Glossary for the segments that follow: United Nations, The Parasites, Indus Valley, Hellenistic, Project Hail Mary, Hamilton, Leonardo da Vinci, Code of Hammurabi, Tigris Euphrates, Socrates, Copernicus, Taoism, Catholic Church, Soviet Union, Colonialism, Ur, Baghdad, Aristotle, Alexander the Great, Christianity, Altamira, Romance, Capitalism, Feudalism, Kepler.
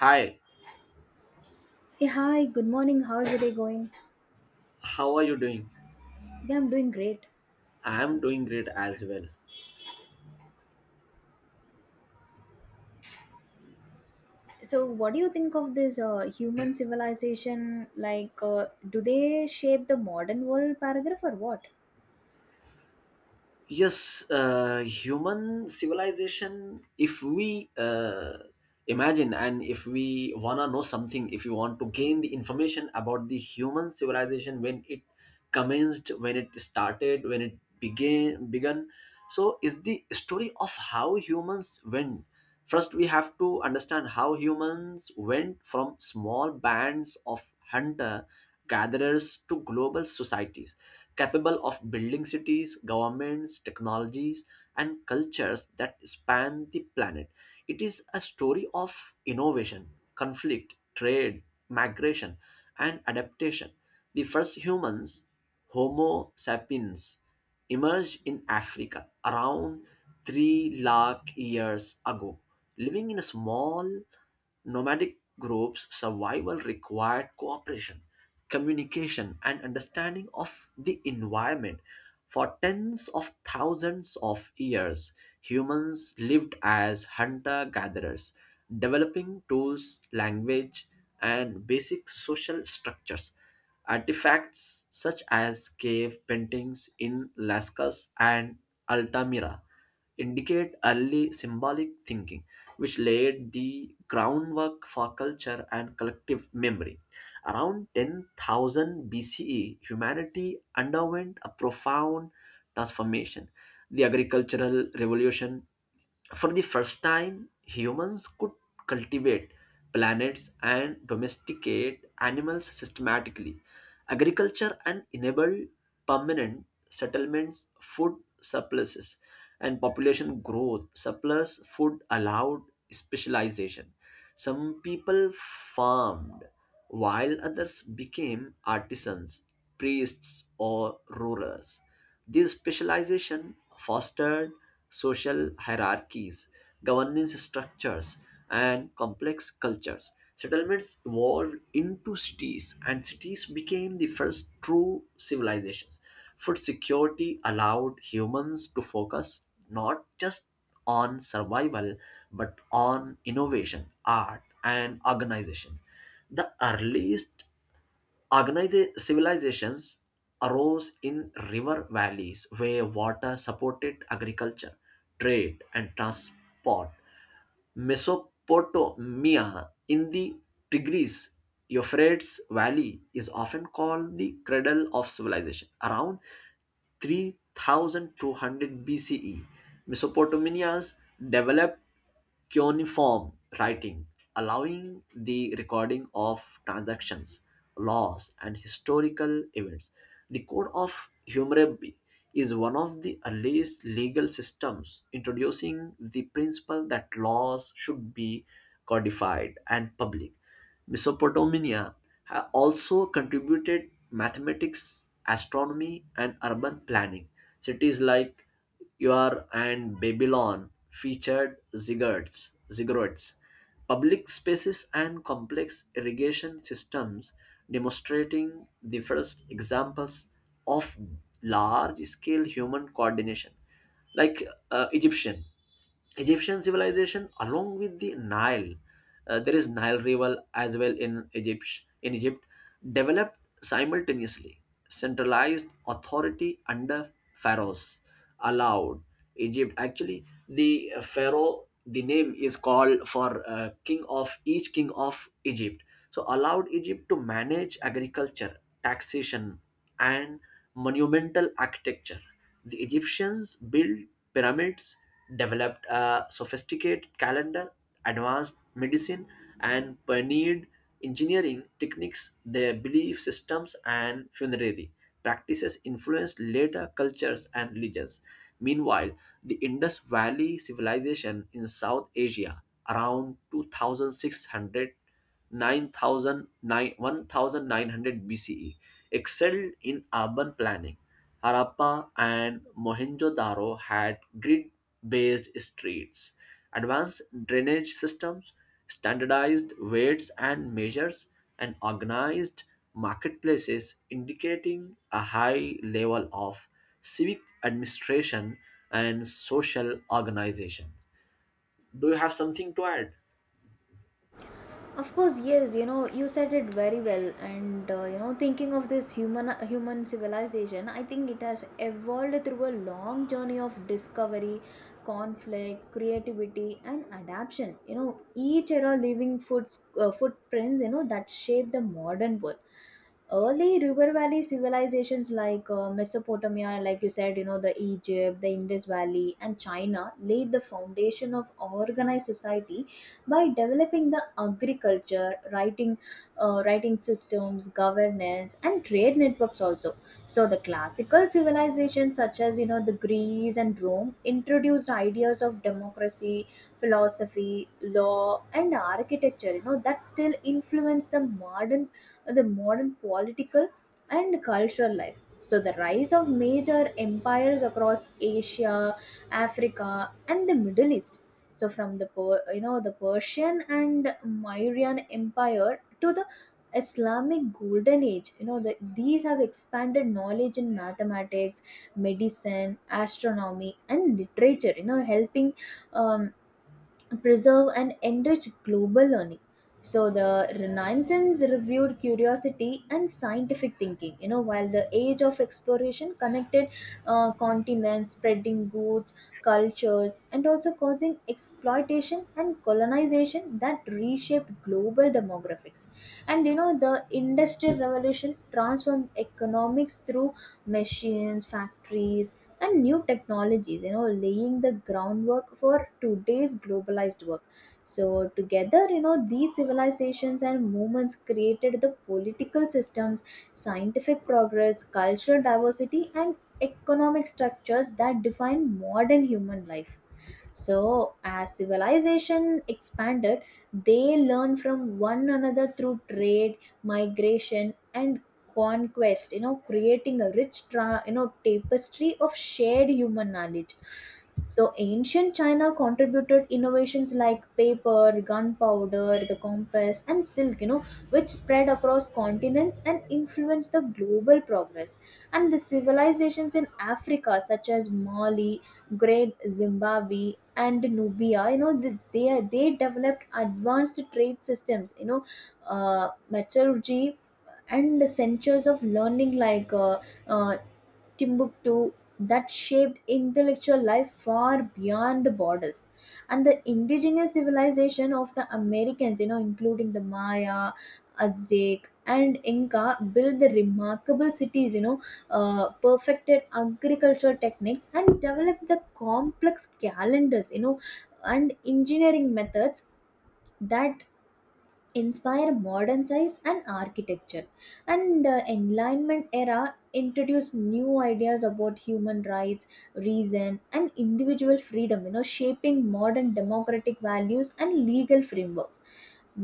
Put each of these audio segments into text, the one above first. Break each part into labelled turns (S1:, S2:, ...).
S1: Hi,
S2: Hey, hi, good morning. How's your day going?
S1: how are you doing?
S2: Yeah, I'm doing great.
S1: I am doing great as well.
S2: So, what do you think of this human civilization? Like, do they shape the modern world paragraph or what?
S1: Yes, human civilization, if we imagine, and if we wanna know something, if you want to gain the information about the human civilization, when it commenced, when it started, when it began begun. So is the story of how humans went First, we have to understand how humans went from small bands of hunter gatherers to global societies capable of building cities, governments, technologies, and cultures that span the planet. It is a story of innovation, conflict, trade, migration, and adaptation. The first humans, Homo sapiens, emerged in Africa around 3 lakh years ago. Living in small nomadic groups, survival required cooperation, communication, and understanding of the environment. For tens of thousands of years, humans lived as hunter gatherers, developing tools, language, and basic social structures. Artifacts such as cave paintings in Lascaux and Altamira indicate early symbolic thinking, which laid the groundwork for culture and collective memory. Around 10,000 BCE, humanity underwent a profound transformation. The agricultural revolution, for the first time, humans could cultivate planets and domesticate animals systematically. Agriculture and enabled permanent settlements, food surpluses, and population growth. Surplus food allowed specialization. Some people farmed, while others became artisans, priests, or rulers. This specialization fostered social hierarchies, governance structures, and complex cultures. Settlements evolved into cities, and cities became the first true civilizations. Food security allowed humans to focus not just on survival but on innovation, art, and organization. The earliest organized civilizations arose in river valleys where water supported agriculture, trade, and transport. Mesopotamia, in the Tigris Euphrates Valley, is often called the cradle of civilization. Around 3200 BCE, Mesopotamia's developed cuneiform writing, allowing the recording of transactions, laws, and historical events. The Code of Hammurabi is one of the earliest legal systems, introducing the principle that laws should be codified and public. Mesopotamia also contributed mathematics, astronomy, and urban planning. Cities like Ur and Babylon featured ziggurats, public spaces, and complex irrigation systems, demonstrating the first examples of large-scale human coordination. Like, Egyptian. Egyptian civilization along with the Nile. There is Nile River as well in Egypt. In Egypt, developed simultaneously. Centralized authority under pharaohs allowed Egypt. Actually, the pharaoh, the name is called for king of each king of Egypt. So, allowed Egypt to manage agriculture, taxation, and monumental architecture. The Egyptians built pyramids, developed a sophisticated calendar, advanced medicine, and pioneered engineering techniques. Their belief systems and funerary practices influenced later cultures and religions. Meanwhile, the Indus Valley civilization in South Asia, around 2600 9,000 1900 BCE, excelled in urban planning. Harappa and Mohenjo-daro had grid-based streets, advanced drainage systems, standardized weights and measures, and organized marketplaces, indicating a high level of civic administration and social organization. Do you have something to add?
S2: Of course, yes. You know, you said it very well, and you know, thinking of this human civilization, I think it has evolved through a long journey of discovery, conflict, creativity, and adaptation. You know, each era leaving footprints. You know that shape the modern world. Early river valley civilizations like Mesopotamia, like you said, you know, the Egypt, the Indus Valley, and China laid the foundation of organized society by developing the agriculture, writing systems, governance, and trade networks also. So the classical civilizations, such as you know the Greece and Rome, introduced ideas of democracy, philosophy, law, and architecture, you know, that still influence the modern political and cultural life. So the rise of major empires across Asia, Africa, and the Middle East, so you know, the Persian and Mauryan Empire to the Islamic Golden Age, you know, these have expanded knowledge in mathematics, medicine, astronomy, and literature, you know, helping um, preserve and enrich global learning. So the Renaissance reviewed curiosity and scientific thinking. You know, while the age of exploration connected continents, spreading goods, cultures, and also causing exploitation and colonization that reshaped global demographics. And you know, the Industrial Revolution transformed economics through machines, factories, and new technologies, you know, laying the groundwork for today's globalized work. So together, you know, these civilizations and movements created the political systems, scientific progress, cultural diversity, and economic structures that define modern human life. So, as civilization expanded, they learned from one another through trade, migration, and conquest, you know, creating a rich, tapestry of shared human knowledge. So, ancient China contributed innovations like paper, gunpowder, the compass, and silk, you know, which spread across continents and influenced the global progress. And the civilizations in Africa, such as Mali, Great Zimbabwe, and Nubia, you know, they developed advanced trade systems, you know, metallurgy, and the centers of learning like uh, Timbuktu that shaped intellectual life far beyond the borders. And the indigenous civilization of the Americans, you know, including the Maya, Aztec, and Inca, built the remarkable cities, you know, perfected agricultural techniques, and developed the complex calendars, you know, and engineering methods that inspire modern science and architecture. And the Enlightenment era introduced new ideas about human rights, reason, and individual freedom, you know, shaping modern democratic values and legal frameworks.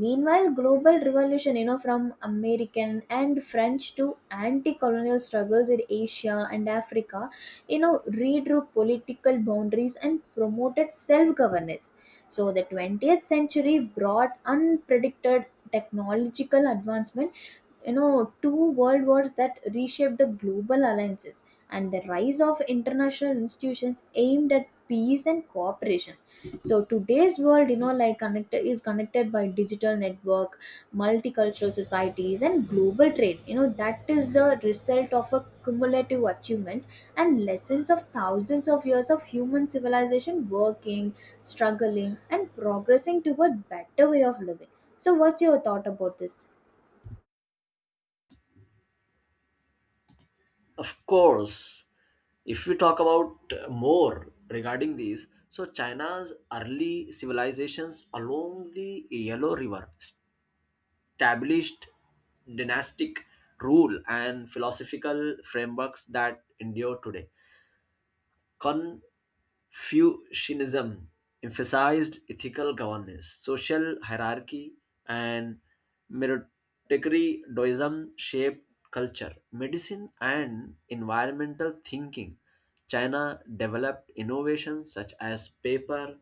S2: Meanwhile, global revolution, you know, from American and French to anti-colonial struggles in Asia and Africa, you know, redrew political boundaries and promoted self-governance. So the 20th century brought unpredicted technological advancement, you know, two world wars that reshaped the global alliances, and the rise of international institutions aimed at peace and cooperation. So today's world, you know, like connected is connected by digital network, multicultural societies, and global trade, you know, that is the result of a cumulative achievements and lessons of thousands of years of human civilization working, struggling, and progressing toward better way of living. So what's your thought about this?
S1: Of course, if we talk about more regarding these, so China's early civilizations along the Yellow River established dynastic rule and philosophical frameworks that endure today. Confucianism emphasized ethical governance, social hierarchy, and meritocracy. Taoism shaped culture, medicine, and environmental thinking. China developed innovations such as paper,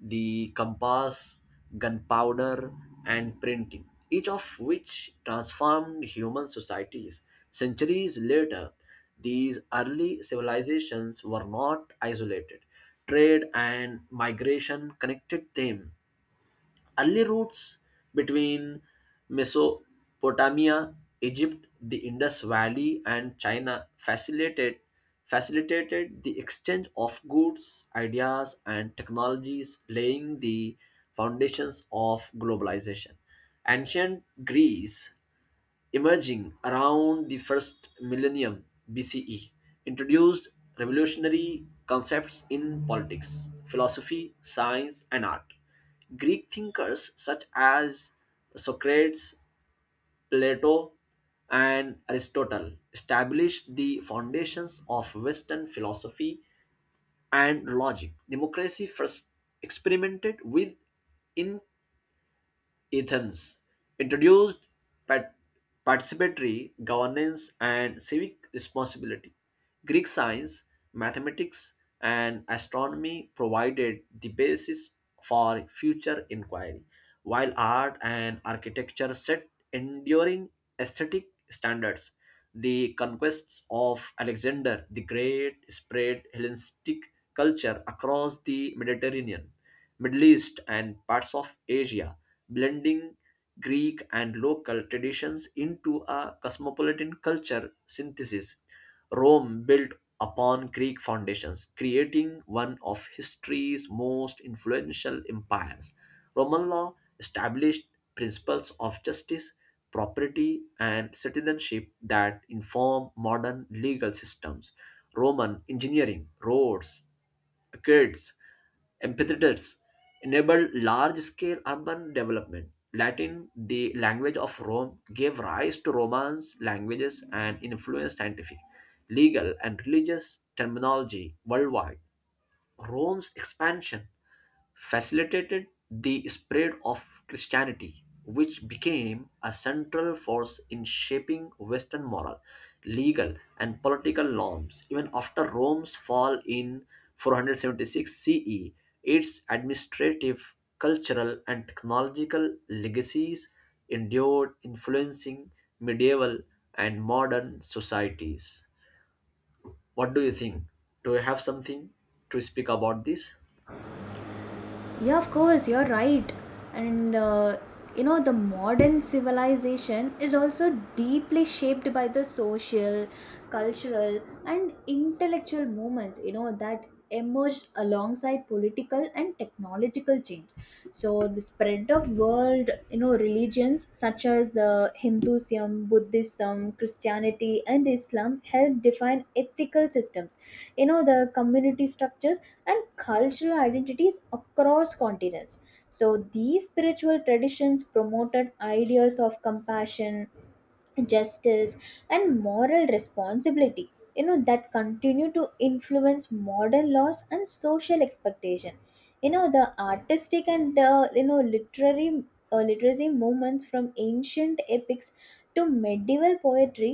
S1: the compass, gunpowder, and printing, each of which transformed human societies. Centuries later, these early civilizations were not isolated. Trade and migration connected them. Early routes between Mesopotamia, Egypt, the Indus Valley, and China facilitated the exchange of goods, ideas, and technologies, laying the foundations of globalization. Ancient Greece, emerging around the first millennium BCE, introduced revolutionary concepts in politics, philosophy, science, and art. Greek thinkers such as Socrates, Plato, and Aristotle established the foundations of Western philosophy and logic. Democracy, first experimented with Athens, introduced pat- participatory governance and civic responsibility. Greek science, mathematics, and astronomy provided the basis for future inquiry, while art and architecture set enduring aesthetic standards. The conquests of Alexander the Great spread Hellenistic culture across the Mediterranean, Middle East, and parts of Asia, blending Greek and local traditions into a cosmopolitan culture synthesis. Rome built upon Greek foundations, creating one of history's most influential empires. Roman law established principles of justice, property, and citizenship that inform modern legal systems. Roman engineering, roads, kids, amphitheaters enabled large-scale urban development. Latin, the language of Rome, gave rise to Romance languages and influenced scientific, legal, and religious terminology worldwide. Rome's expansion facilitated the spread of Christianity, which became a central force in shaping Western moral, legal, and political norms. Even after Rome's fall in 476 CE, its administrative, cultural, and technological legacies endured, influencing medieval and modern societies. What do you think? Do you have something to speak about this?
S2: Yeah, of course, you're right. And you know, the modern civilization is also deeply shaped by the social, cultural, and intellectual movements, you know, that emerged alongside political and technological change. So, the spread of world, you know, religions such as the Hinduism, Buddhism, Christianity, and Islam helped define ethical systems. You know, the community structures and cultural identities across continents. So, these spiritual traditions promoted ideas of compassion, justice, and moral responsibility, you know, that continue to influence modern laws and social expectation. You know, the artistic and literary, literacy movements from ancient epics to medieval poetry,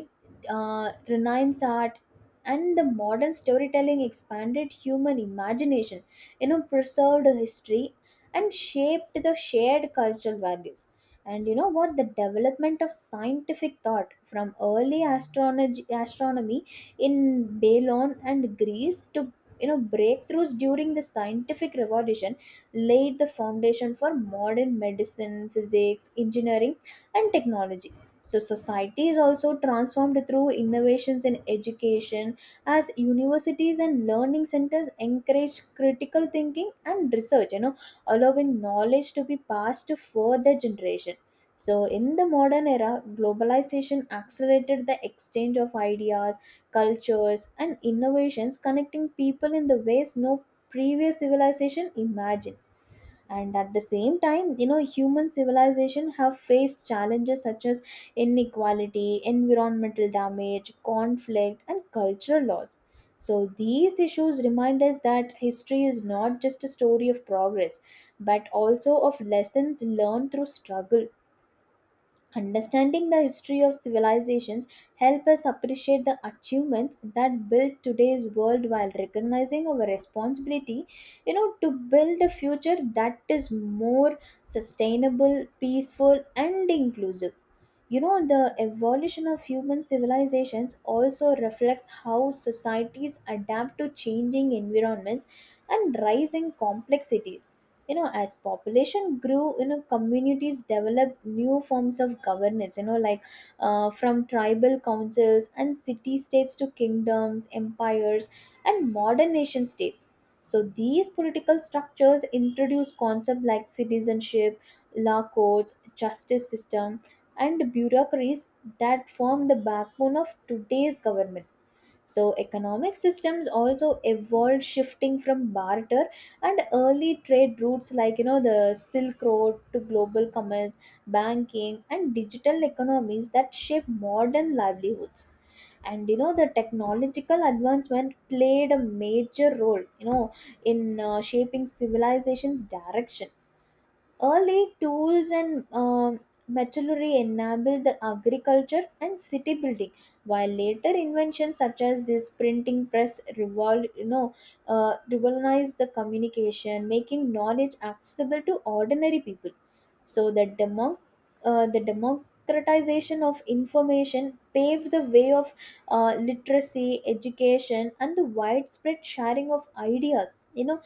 S2: renaissance art, and the modern storytelling expanded human imagination, you know, preserved history, and shaped the shared cultural values. And you know what, the development of scientific thought, from early astronomy in Babylon and Greece to, you know, breakthroughs during the scientific revolution, laid the foundation for modern medicine, physics, engineering, and technology. So society is also transformed through innovations in education, as universities and learning centers encouraged critical thinking and research, you know, allowing knowledge to be passed to further generations. So, in the modern era, globalization accelerated the exchange of ideas, cultures, and innovations, connecting people in the ways no previous civilization imagined. And at the same time, you know, human civilization have faced challenges such as inequality, environmental damage, conflict, and cultural loss. So, these issues remind us that history is not just a story of progress, but also of lessons learned through struggle. Understanding the history of civilizations help us appreciate the achievements that built today's world while recognizing our responsibility, you know, to build a future that is more sustainable, peaceful, and inclusive. You know, the evolution of human civilizations also reflects how societies adapt to changing environments and rising complexities. You know, as population grew, you know, communities developed new forms of governance, you know, like from tribal councils and city states to kingdoms, empires, and modern nation states. So these political structures introduce concepts like citizenship, law courts, justice system, and bureaucracies that form the backbone of today's government. So, economic systems also evolved, shifting from barter and early trade routes, like you know the Silk Road, to global commerce, banking, and digital economies that shape modern livelihoods. And you know, the technological advancement played a major role, you know, in shaping civilization's direction. Early tools and metallurgy enabled the agriculture and city building, while later inventions such as this printing press revolutionized the communication, making knowledge accessible to ordinary people. So the democratization of information paved the way of literacy, education, and the widespread sharing of ideas. You know,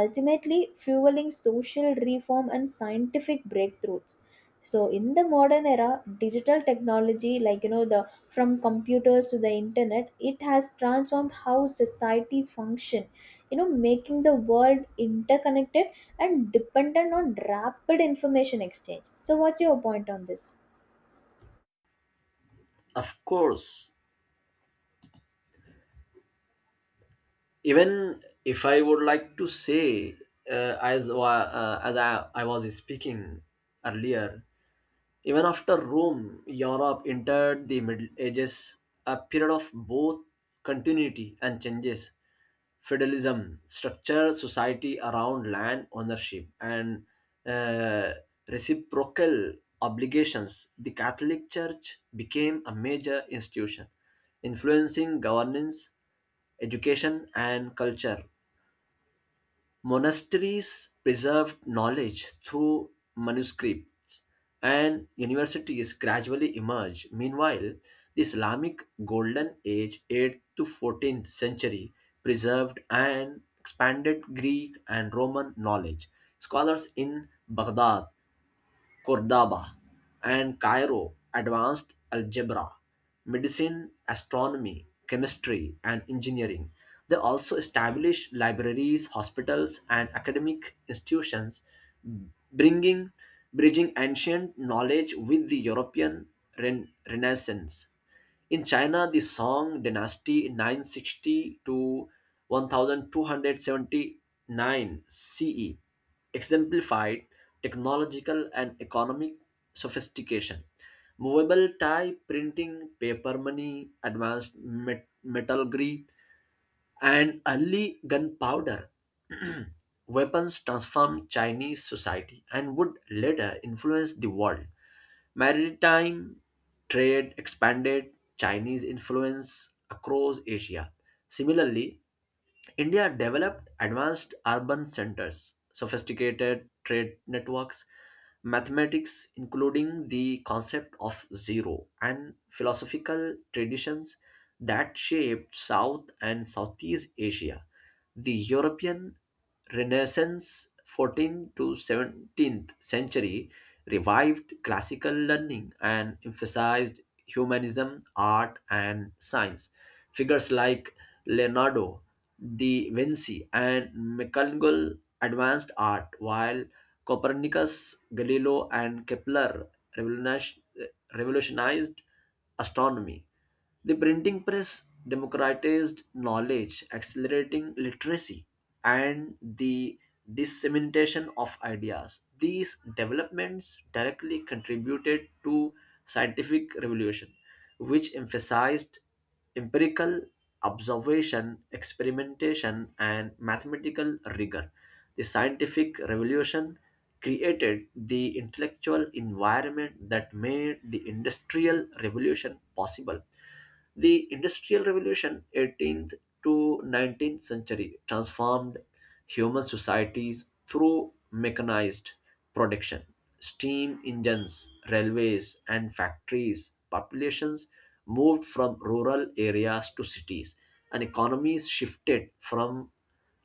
S2: ultimately fueling social reform and scientific breakthroughs. So in the modern era, digital technology, like you know, the from computers to the internet, it has transformed how societies function, you know, making the world interconnected and dependent on rapid information exchange. So what's your point on this?
S1: Of course, even if I would like to say, as I was speaking earlier, even after Rome, Europe entered the Middle Ages, a period of both continuity and changes. Feudalism structured society around land ownership and uh, reciprocal obligations. The Catholic Church became a major institution, influencing governance, education, and culture. Monasteries preserved knowledge through manuscripts, and universities gradually emerged. Meanwhile, the Islamic Golden Age (8th to 14th century) preserved and expanded Greek and Roman knowledge. Scholars in Baghdad, Cordoba, and Cairo advanced algebra, medicine, astronomy, chemistry, and engineering. They also established libraries, hospitals, and academic institutions, bringing bridging ancient knowledge with the European Renaissance. In China, the Song dynasty 960 to 1279 CE exemplified technological and economic sophistication. Movable tie printing, paper money, advanced metallurgy, and early gunpowder weapons transformed Chinese society and would later influence the world. Maritime trade expanded Chinese influence across Asia. Similarly, India developed advanced urban centers, sophisticated trade networks, mathematics, including the concept of zero, and philosophical traditions that shaped South and Southeast Asia. The European Renaissance, 14th to 17th century, revived classical learning and emphasized humanism, art, and science. Figures like Leonardo De Vinci and McGonagall advanced art, while Copernicus, Galileo, and Kepler revolutionized revolutionized astronomy. The printing press democratized knowledge, accelerating literacy, and the dissemination of ideas. These developments directly contributed to scientific revolution, which emphasized empirical observation, experimentation, and mathematical rigor. The scientific revolution created the intellectual environment that made the industrial revolution possible. The Industrial Revolution, 18th to 19th century, transformed human societies through mechanized production. Steam engines, railways, and factories. Populations moved from rural areas to cities, and economies shifted from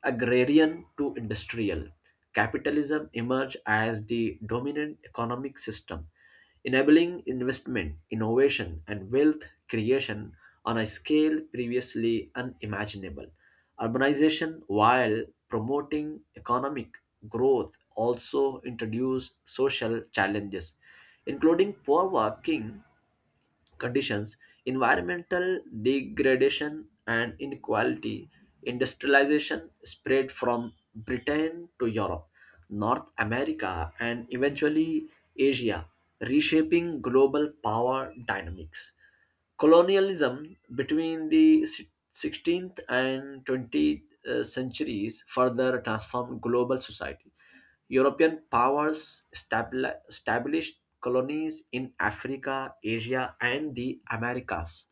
S1: agrarian to industrial. Capitalism emerged as the dominant economic system, enabling investment, innovation, and wealth creation on a scale previously unimaginable. Urbanization, while promoting economic growth, also introduced social challenges, including poor working conditions, environmental degradation, and inequality. Industrialization spread from Britain to Europe, North America, and eventually Asia, reshaping global power dynamics. Colonialism between the 16th and 20th centuries further transformed global society. European powers established colonies in Africa, Asia, and the Americas,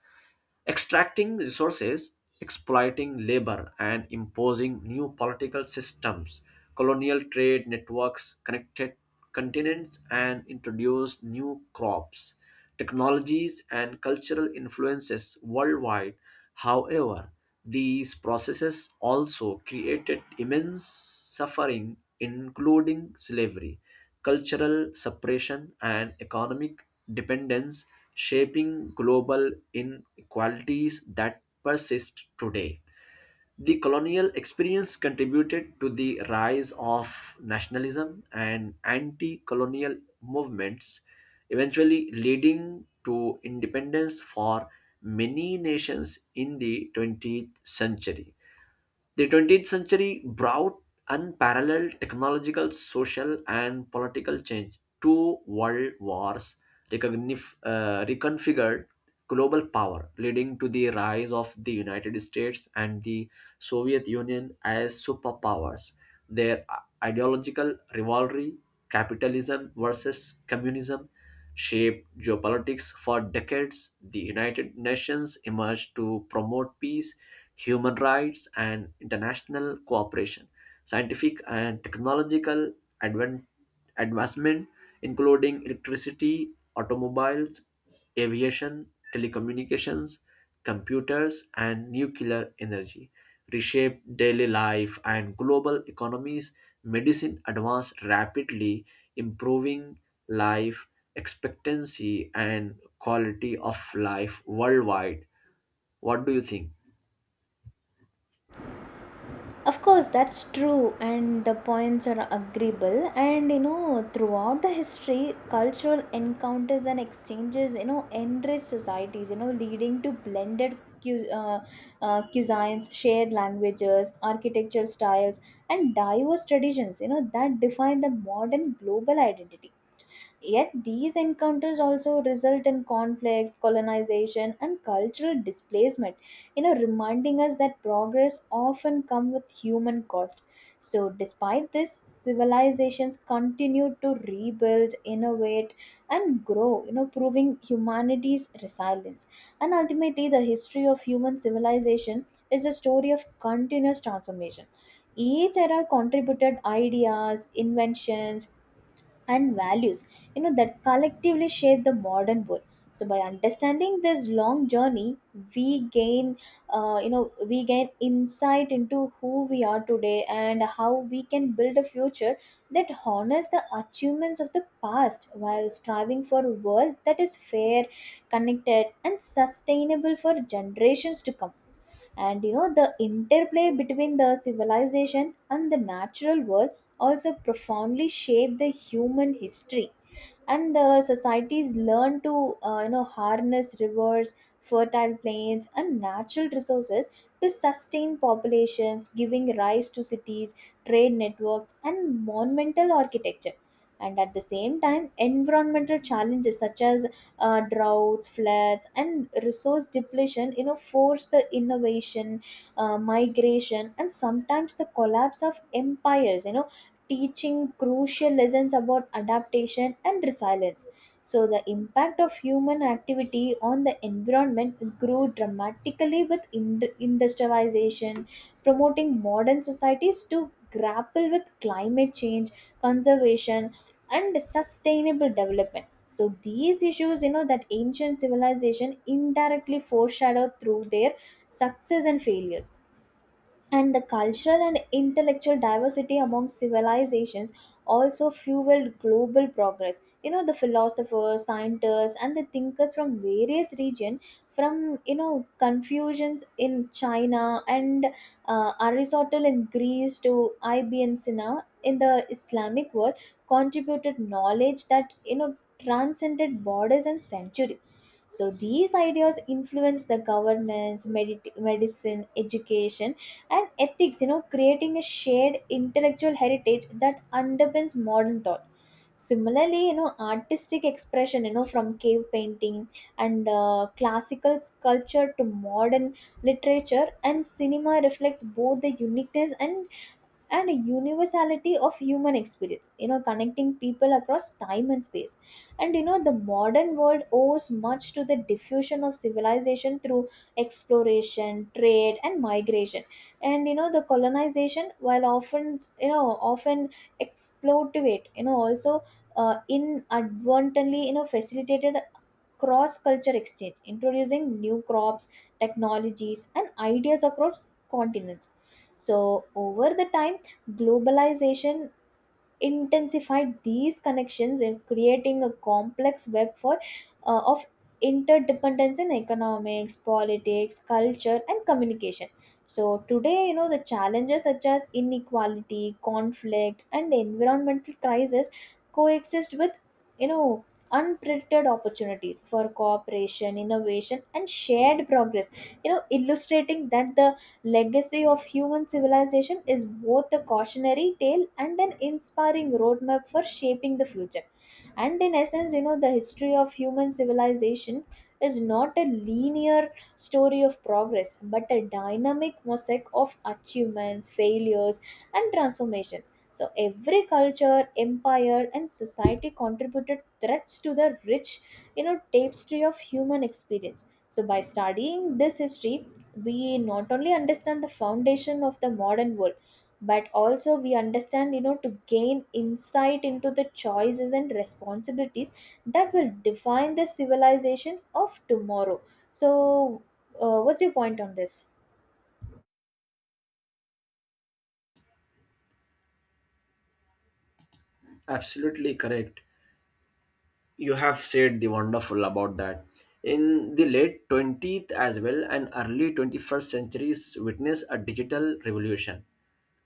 S1: extracting resources, exploiting labor, and imposing new political systems. Colonial trade networks connected continents and introduced new crops, technologies, and cultural influences worldwide. However, these processes also created immense suffering, including slavery, cultural separation, and economic dependence, shaping global qualities that persist today. The colonial experience contributed to the rise of nationalism and anti colonial movements, eventually leading to independence for many nations in the 20th century. The 20th century brought unparalleled technological, social, and political change. Two world wars reconfigured global power, leading to the rise of the United States and the Soviet Union as superpowers. Their ideological rivalry, capitalism versus communism, shaped geopolitics for decades. The United Nations emerged to promote peace, human rights, and international cooperation. Scientific and technological advan- advancement, including electricity, automobiles, aviation, telecommunications, computers, and nuclear energy, reshape daily life and global economies. Medicine advanced rapidly, improving life expectancy and quality of life worldwide. What do you think?
S2: Of course, that's true, and the points are agreeable. And you know, throughout the history, cultural encounters and exchanges, you know, enrich societies, you know, leading to blended cuisines, shared languages, architectural styles, and diverse traditions, you know, that define the modern global identity. Yet these encounters also result in conflicts, colonization, and cultural displacement, you know, reminding us that progress often comes with human cost. So despite this, civilizations continue to rebuild, innovate, and grow, you know, proving humanity's resilience. And ultimately, the history of human civilization is a story of continuous transformation. Each era contributed ideas, inventions, and values, you know, that collectively shape the modern world. So by understanding this long journey, we gain we gain insight into who we are today and how we can build a future that honors the achievements of the past while striving for a world that is fair, connected, and sustainable for generations to come. And you know, the interplay between the civilization and the natural world also profoundly shape the human history, and the societies learn to harness rivers, fertile plains, and natural resources to sustain populations, giving rise to cities, trade networks, and monumental architecture. And at the same time, environmental challenges such as droughts, floods, and resource depletion, you know, force the innovation, migration, and sometimes the collapse of empires, you know, teaching crucial lessons about adaptation and resilience. So the impact of human activity on the environment grew dramatically with industrialization, promoting modern societies to grapple with climate change, conservation, and sustainable development. So these issues, you know, that ancient civilization indirectly foreshadowed through their success and failures. And the cultural and intellectual diversity among civilizations also fueled global progress. You know, the philosophers, scientists, and the thinkers from various regions, from you know Confucians in China, and Aristotle in Greece, to Ibn Sina in the Islamic world, contributed knowledge that, you know, transcended borders and centuries. So these ideas influenced the governance, medicine, education, and ethics, you know, creating a shared intellectual heritage that underpins modern thought. Similarly, you know, artistic expression, you know, from cave painting and classical sculpture to modern literature and cinema reflects both the uniqueness and a universality of human experience, you know, connecting people across time and space. And you know, the modern world owes much to the diffusion of civilization through exploration, trade, and migration. And you know, the colonization, while often exploitative, you know, also inadvertently, you know, facilitated cross culture exchange, introducing new crops, technologies, and ideas across continents. So, over the time, globalization intensified these connections in creating a complex web for of interdependence in economics, politics, culture, and communication. So today, you know, the challenges such as inequality, conflict, and environmental crisis coexist with, you know, unprecedented opportunities for cooperation, innovation, and shared progress, you know, illustrating that the legacy of human civilization is both a cautionary tale and an inspiring roadmap for shaping the future. And in essence, you know, the history of human civilization is not a linear story of progress, but a dynamic mosaic of achievements, failures, and transformations. So every culture, empire, and society contributed threads to the rich, you know, tapestry of human experience. So by studying this history, we not only understand the foundation of the modern world, but also we understand, you know, to gain insight into the choices and responsibilities that will define the civilizations of tomorrow. So what's your point on this?
S1: Absolutely correct. You have said the wonderful about that. In the late 20th as well and early 21st centuries witnessed a digital revolution,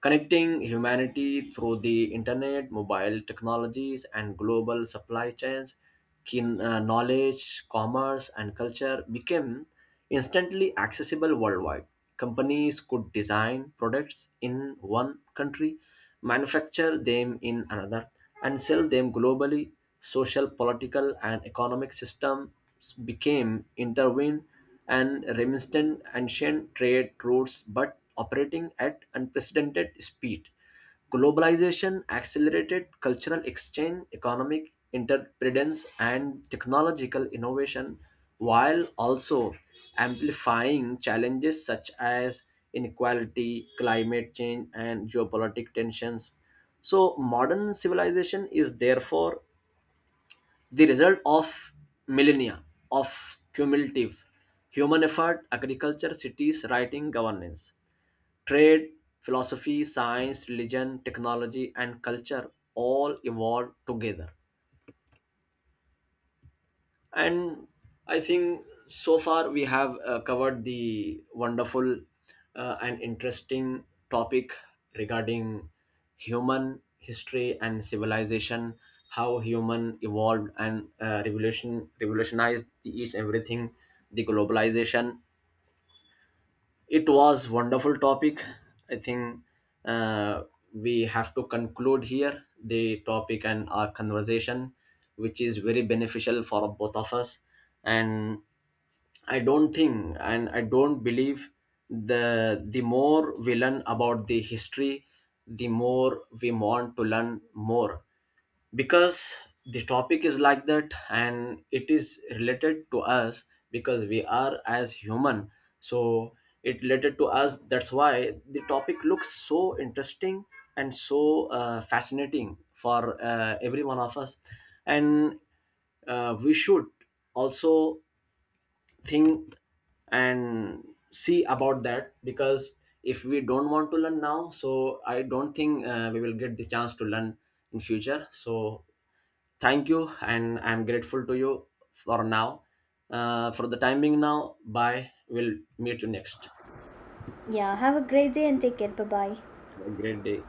S1: connecting humanity through the internet, mobile technologies, and global supply chains. Keen, knowledge, commerce, and culture became instantly accessible worldwide. Companies could design products in one country, manufacture them in another, and sell them globally. Social, political, and economic systems became intertwined and reminiscent ancient trade routes, but operating at unprecedented speed. Globalization accelerated cultural exchange, economic interdependence, and technological innovation, while also amplifying challenges such as inequality, climate change, and geopolitical tensions. So, modern civilization is therefore the result of millennia of cumulative human effort. Agriculture, cities, writing, governance, trade, philosophy, science, religion, technology, and culture all evolved together. And I think so far we have covered the wonderful and interesting topic regarding human history and civilization, how human evolved and revolutionized the each everything, the globalization. It was wonderful topic. I think uh, we have to conclude here the topic and our conversation, which is very beneficial for both of us. And I don't think and I don't believe, the more we learn about the history, the more we want to learn more, because the topic is like that and it is related to us, because we are as human. So it related to us, that's why the topic looks so interesting and so fascinating for every one of us. And we should also think and see about that, because if we don't want to learn now, so I don't think we will get the chance to learn in future. So thank you, and I'm grateful to you for now, for the timing now. Bye, we'll meet you next.
S2: Yeah, have a great day and take care. Bye bye.
S1: Have a great day.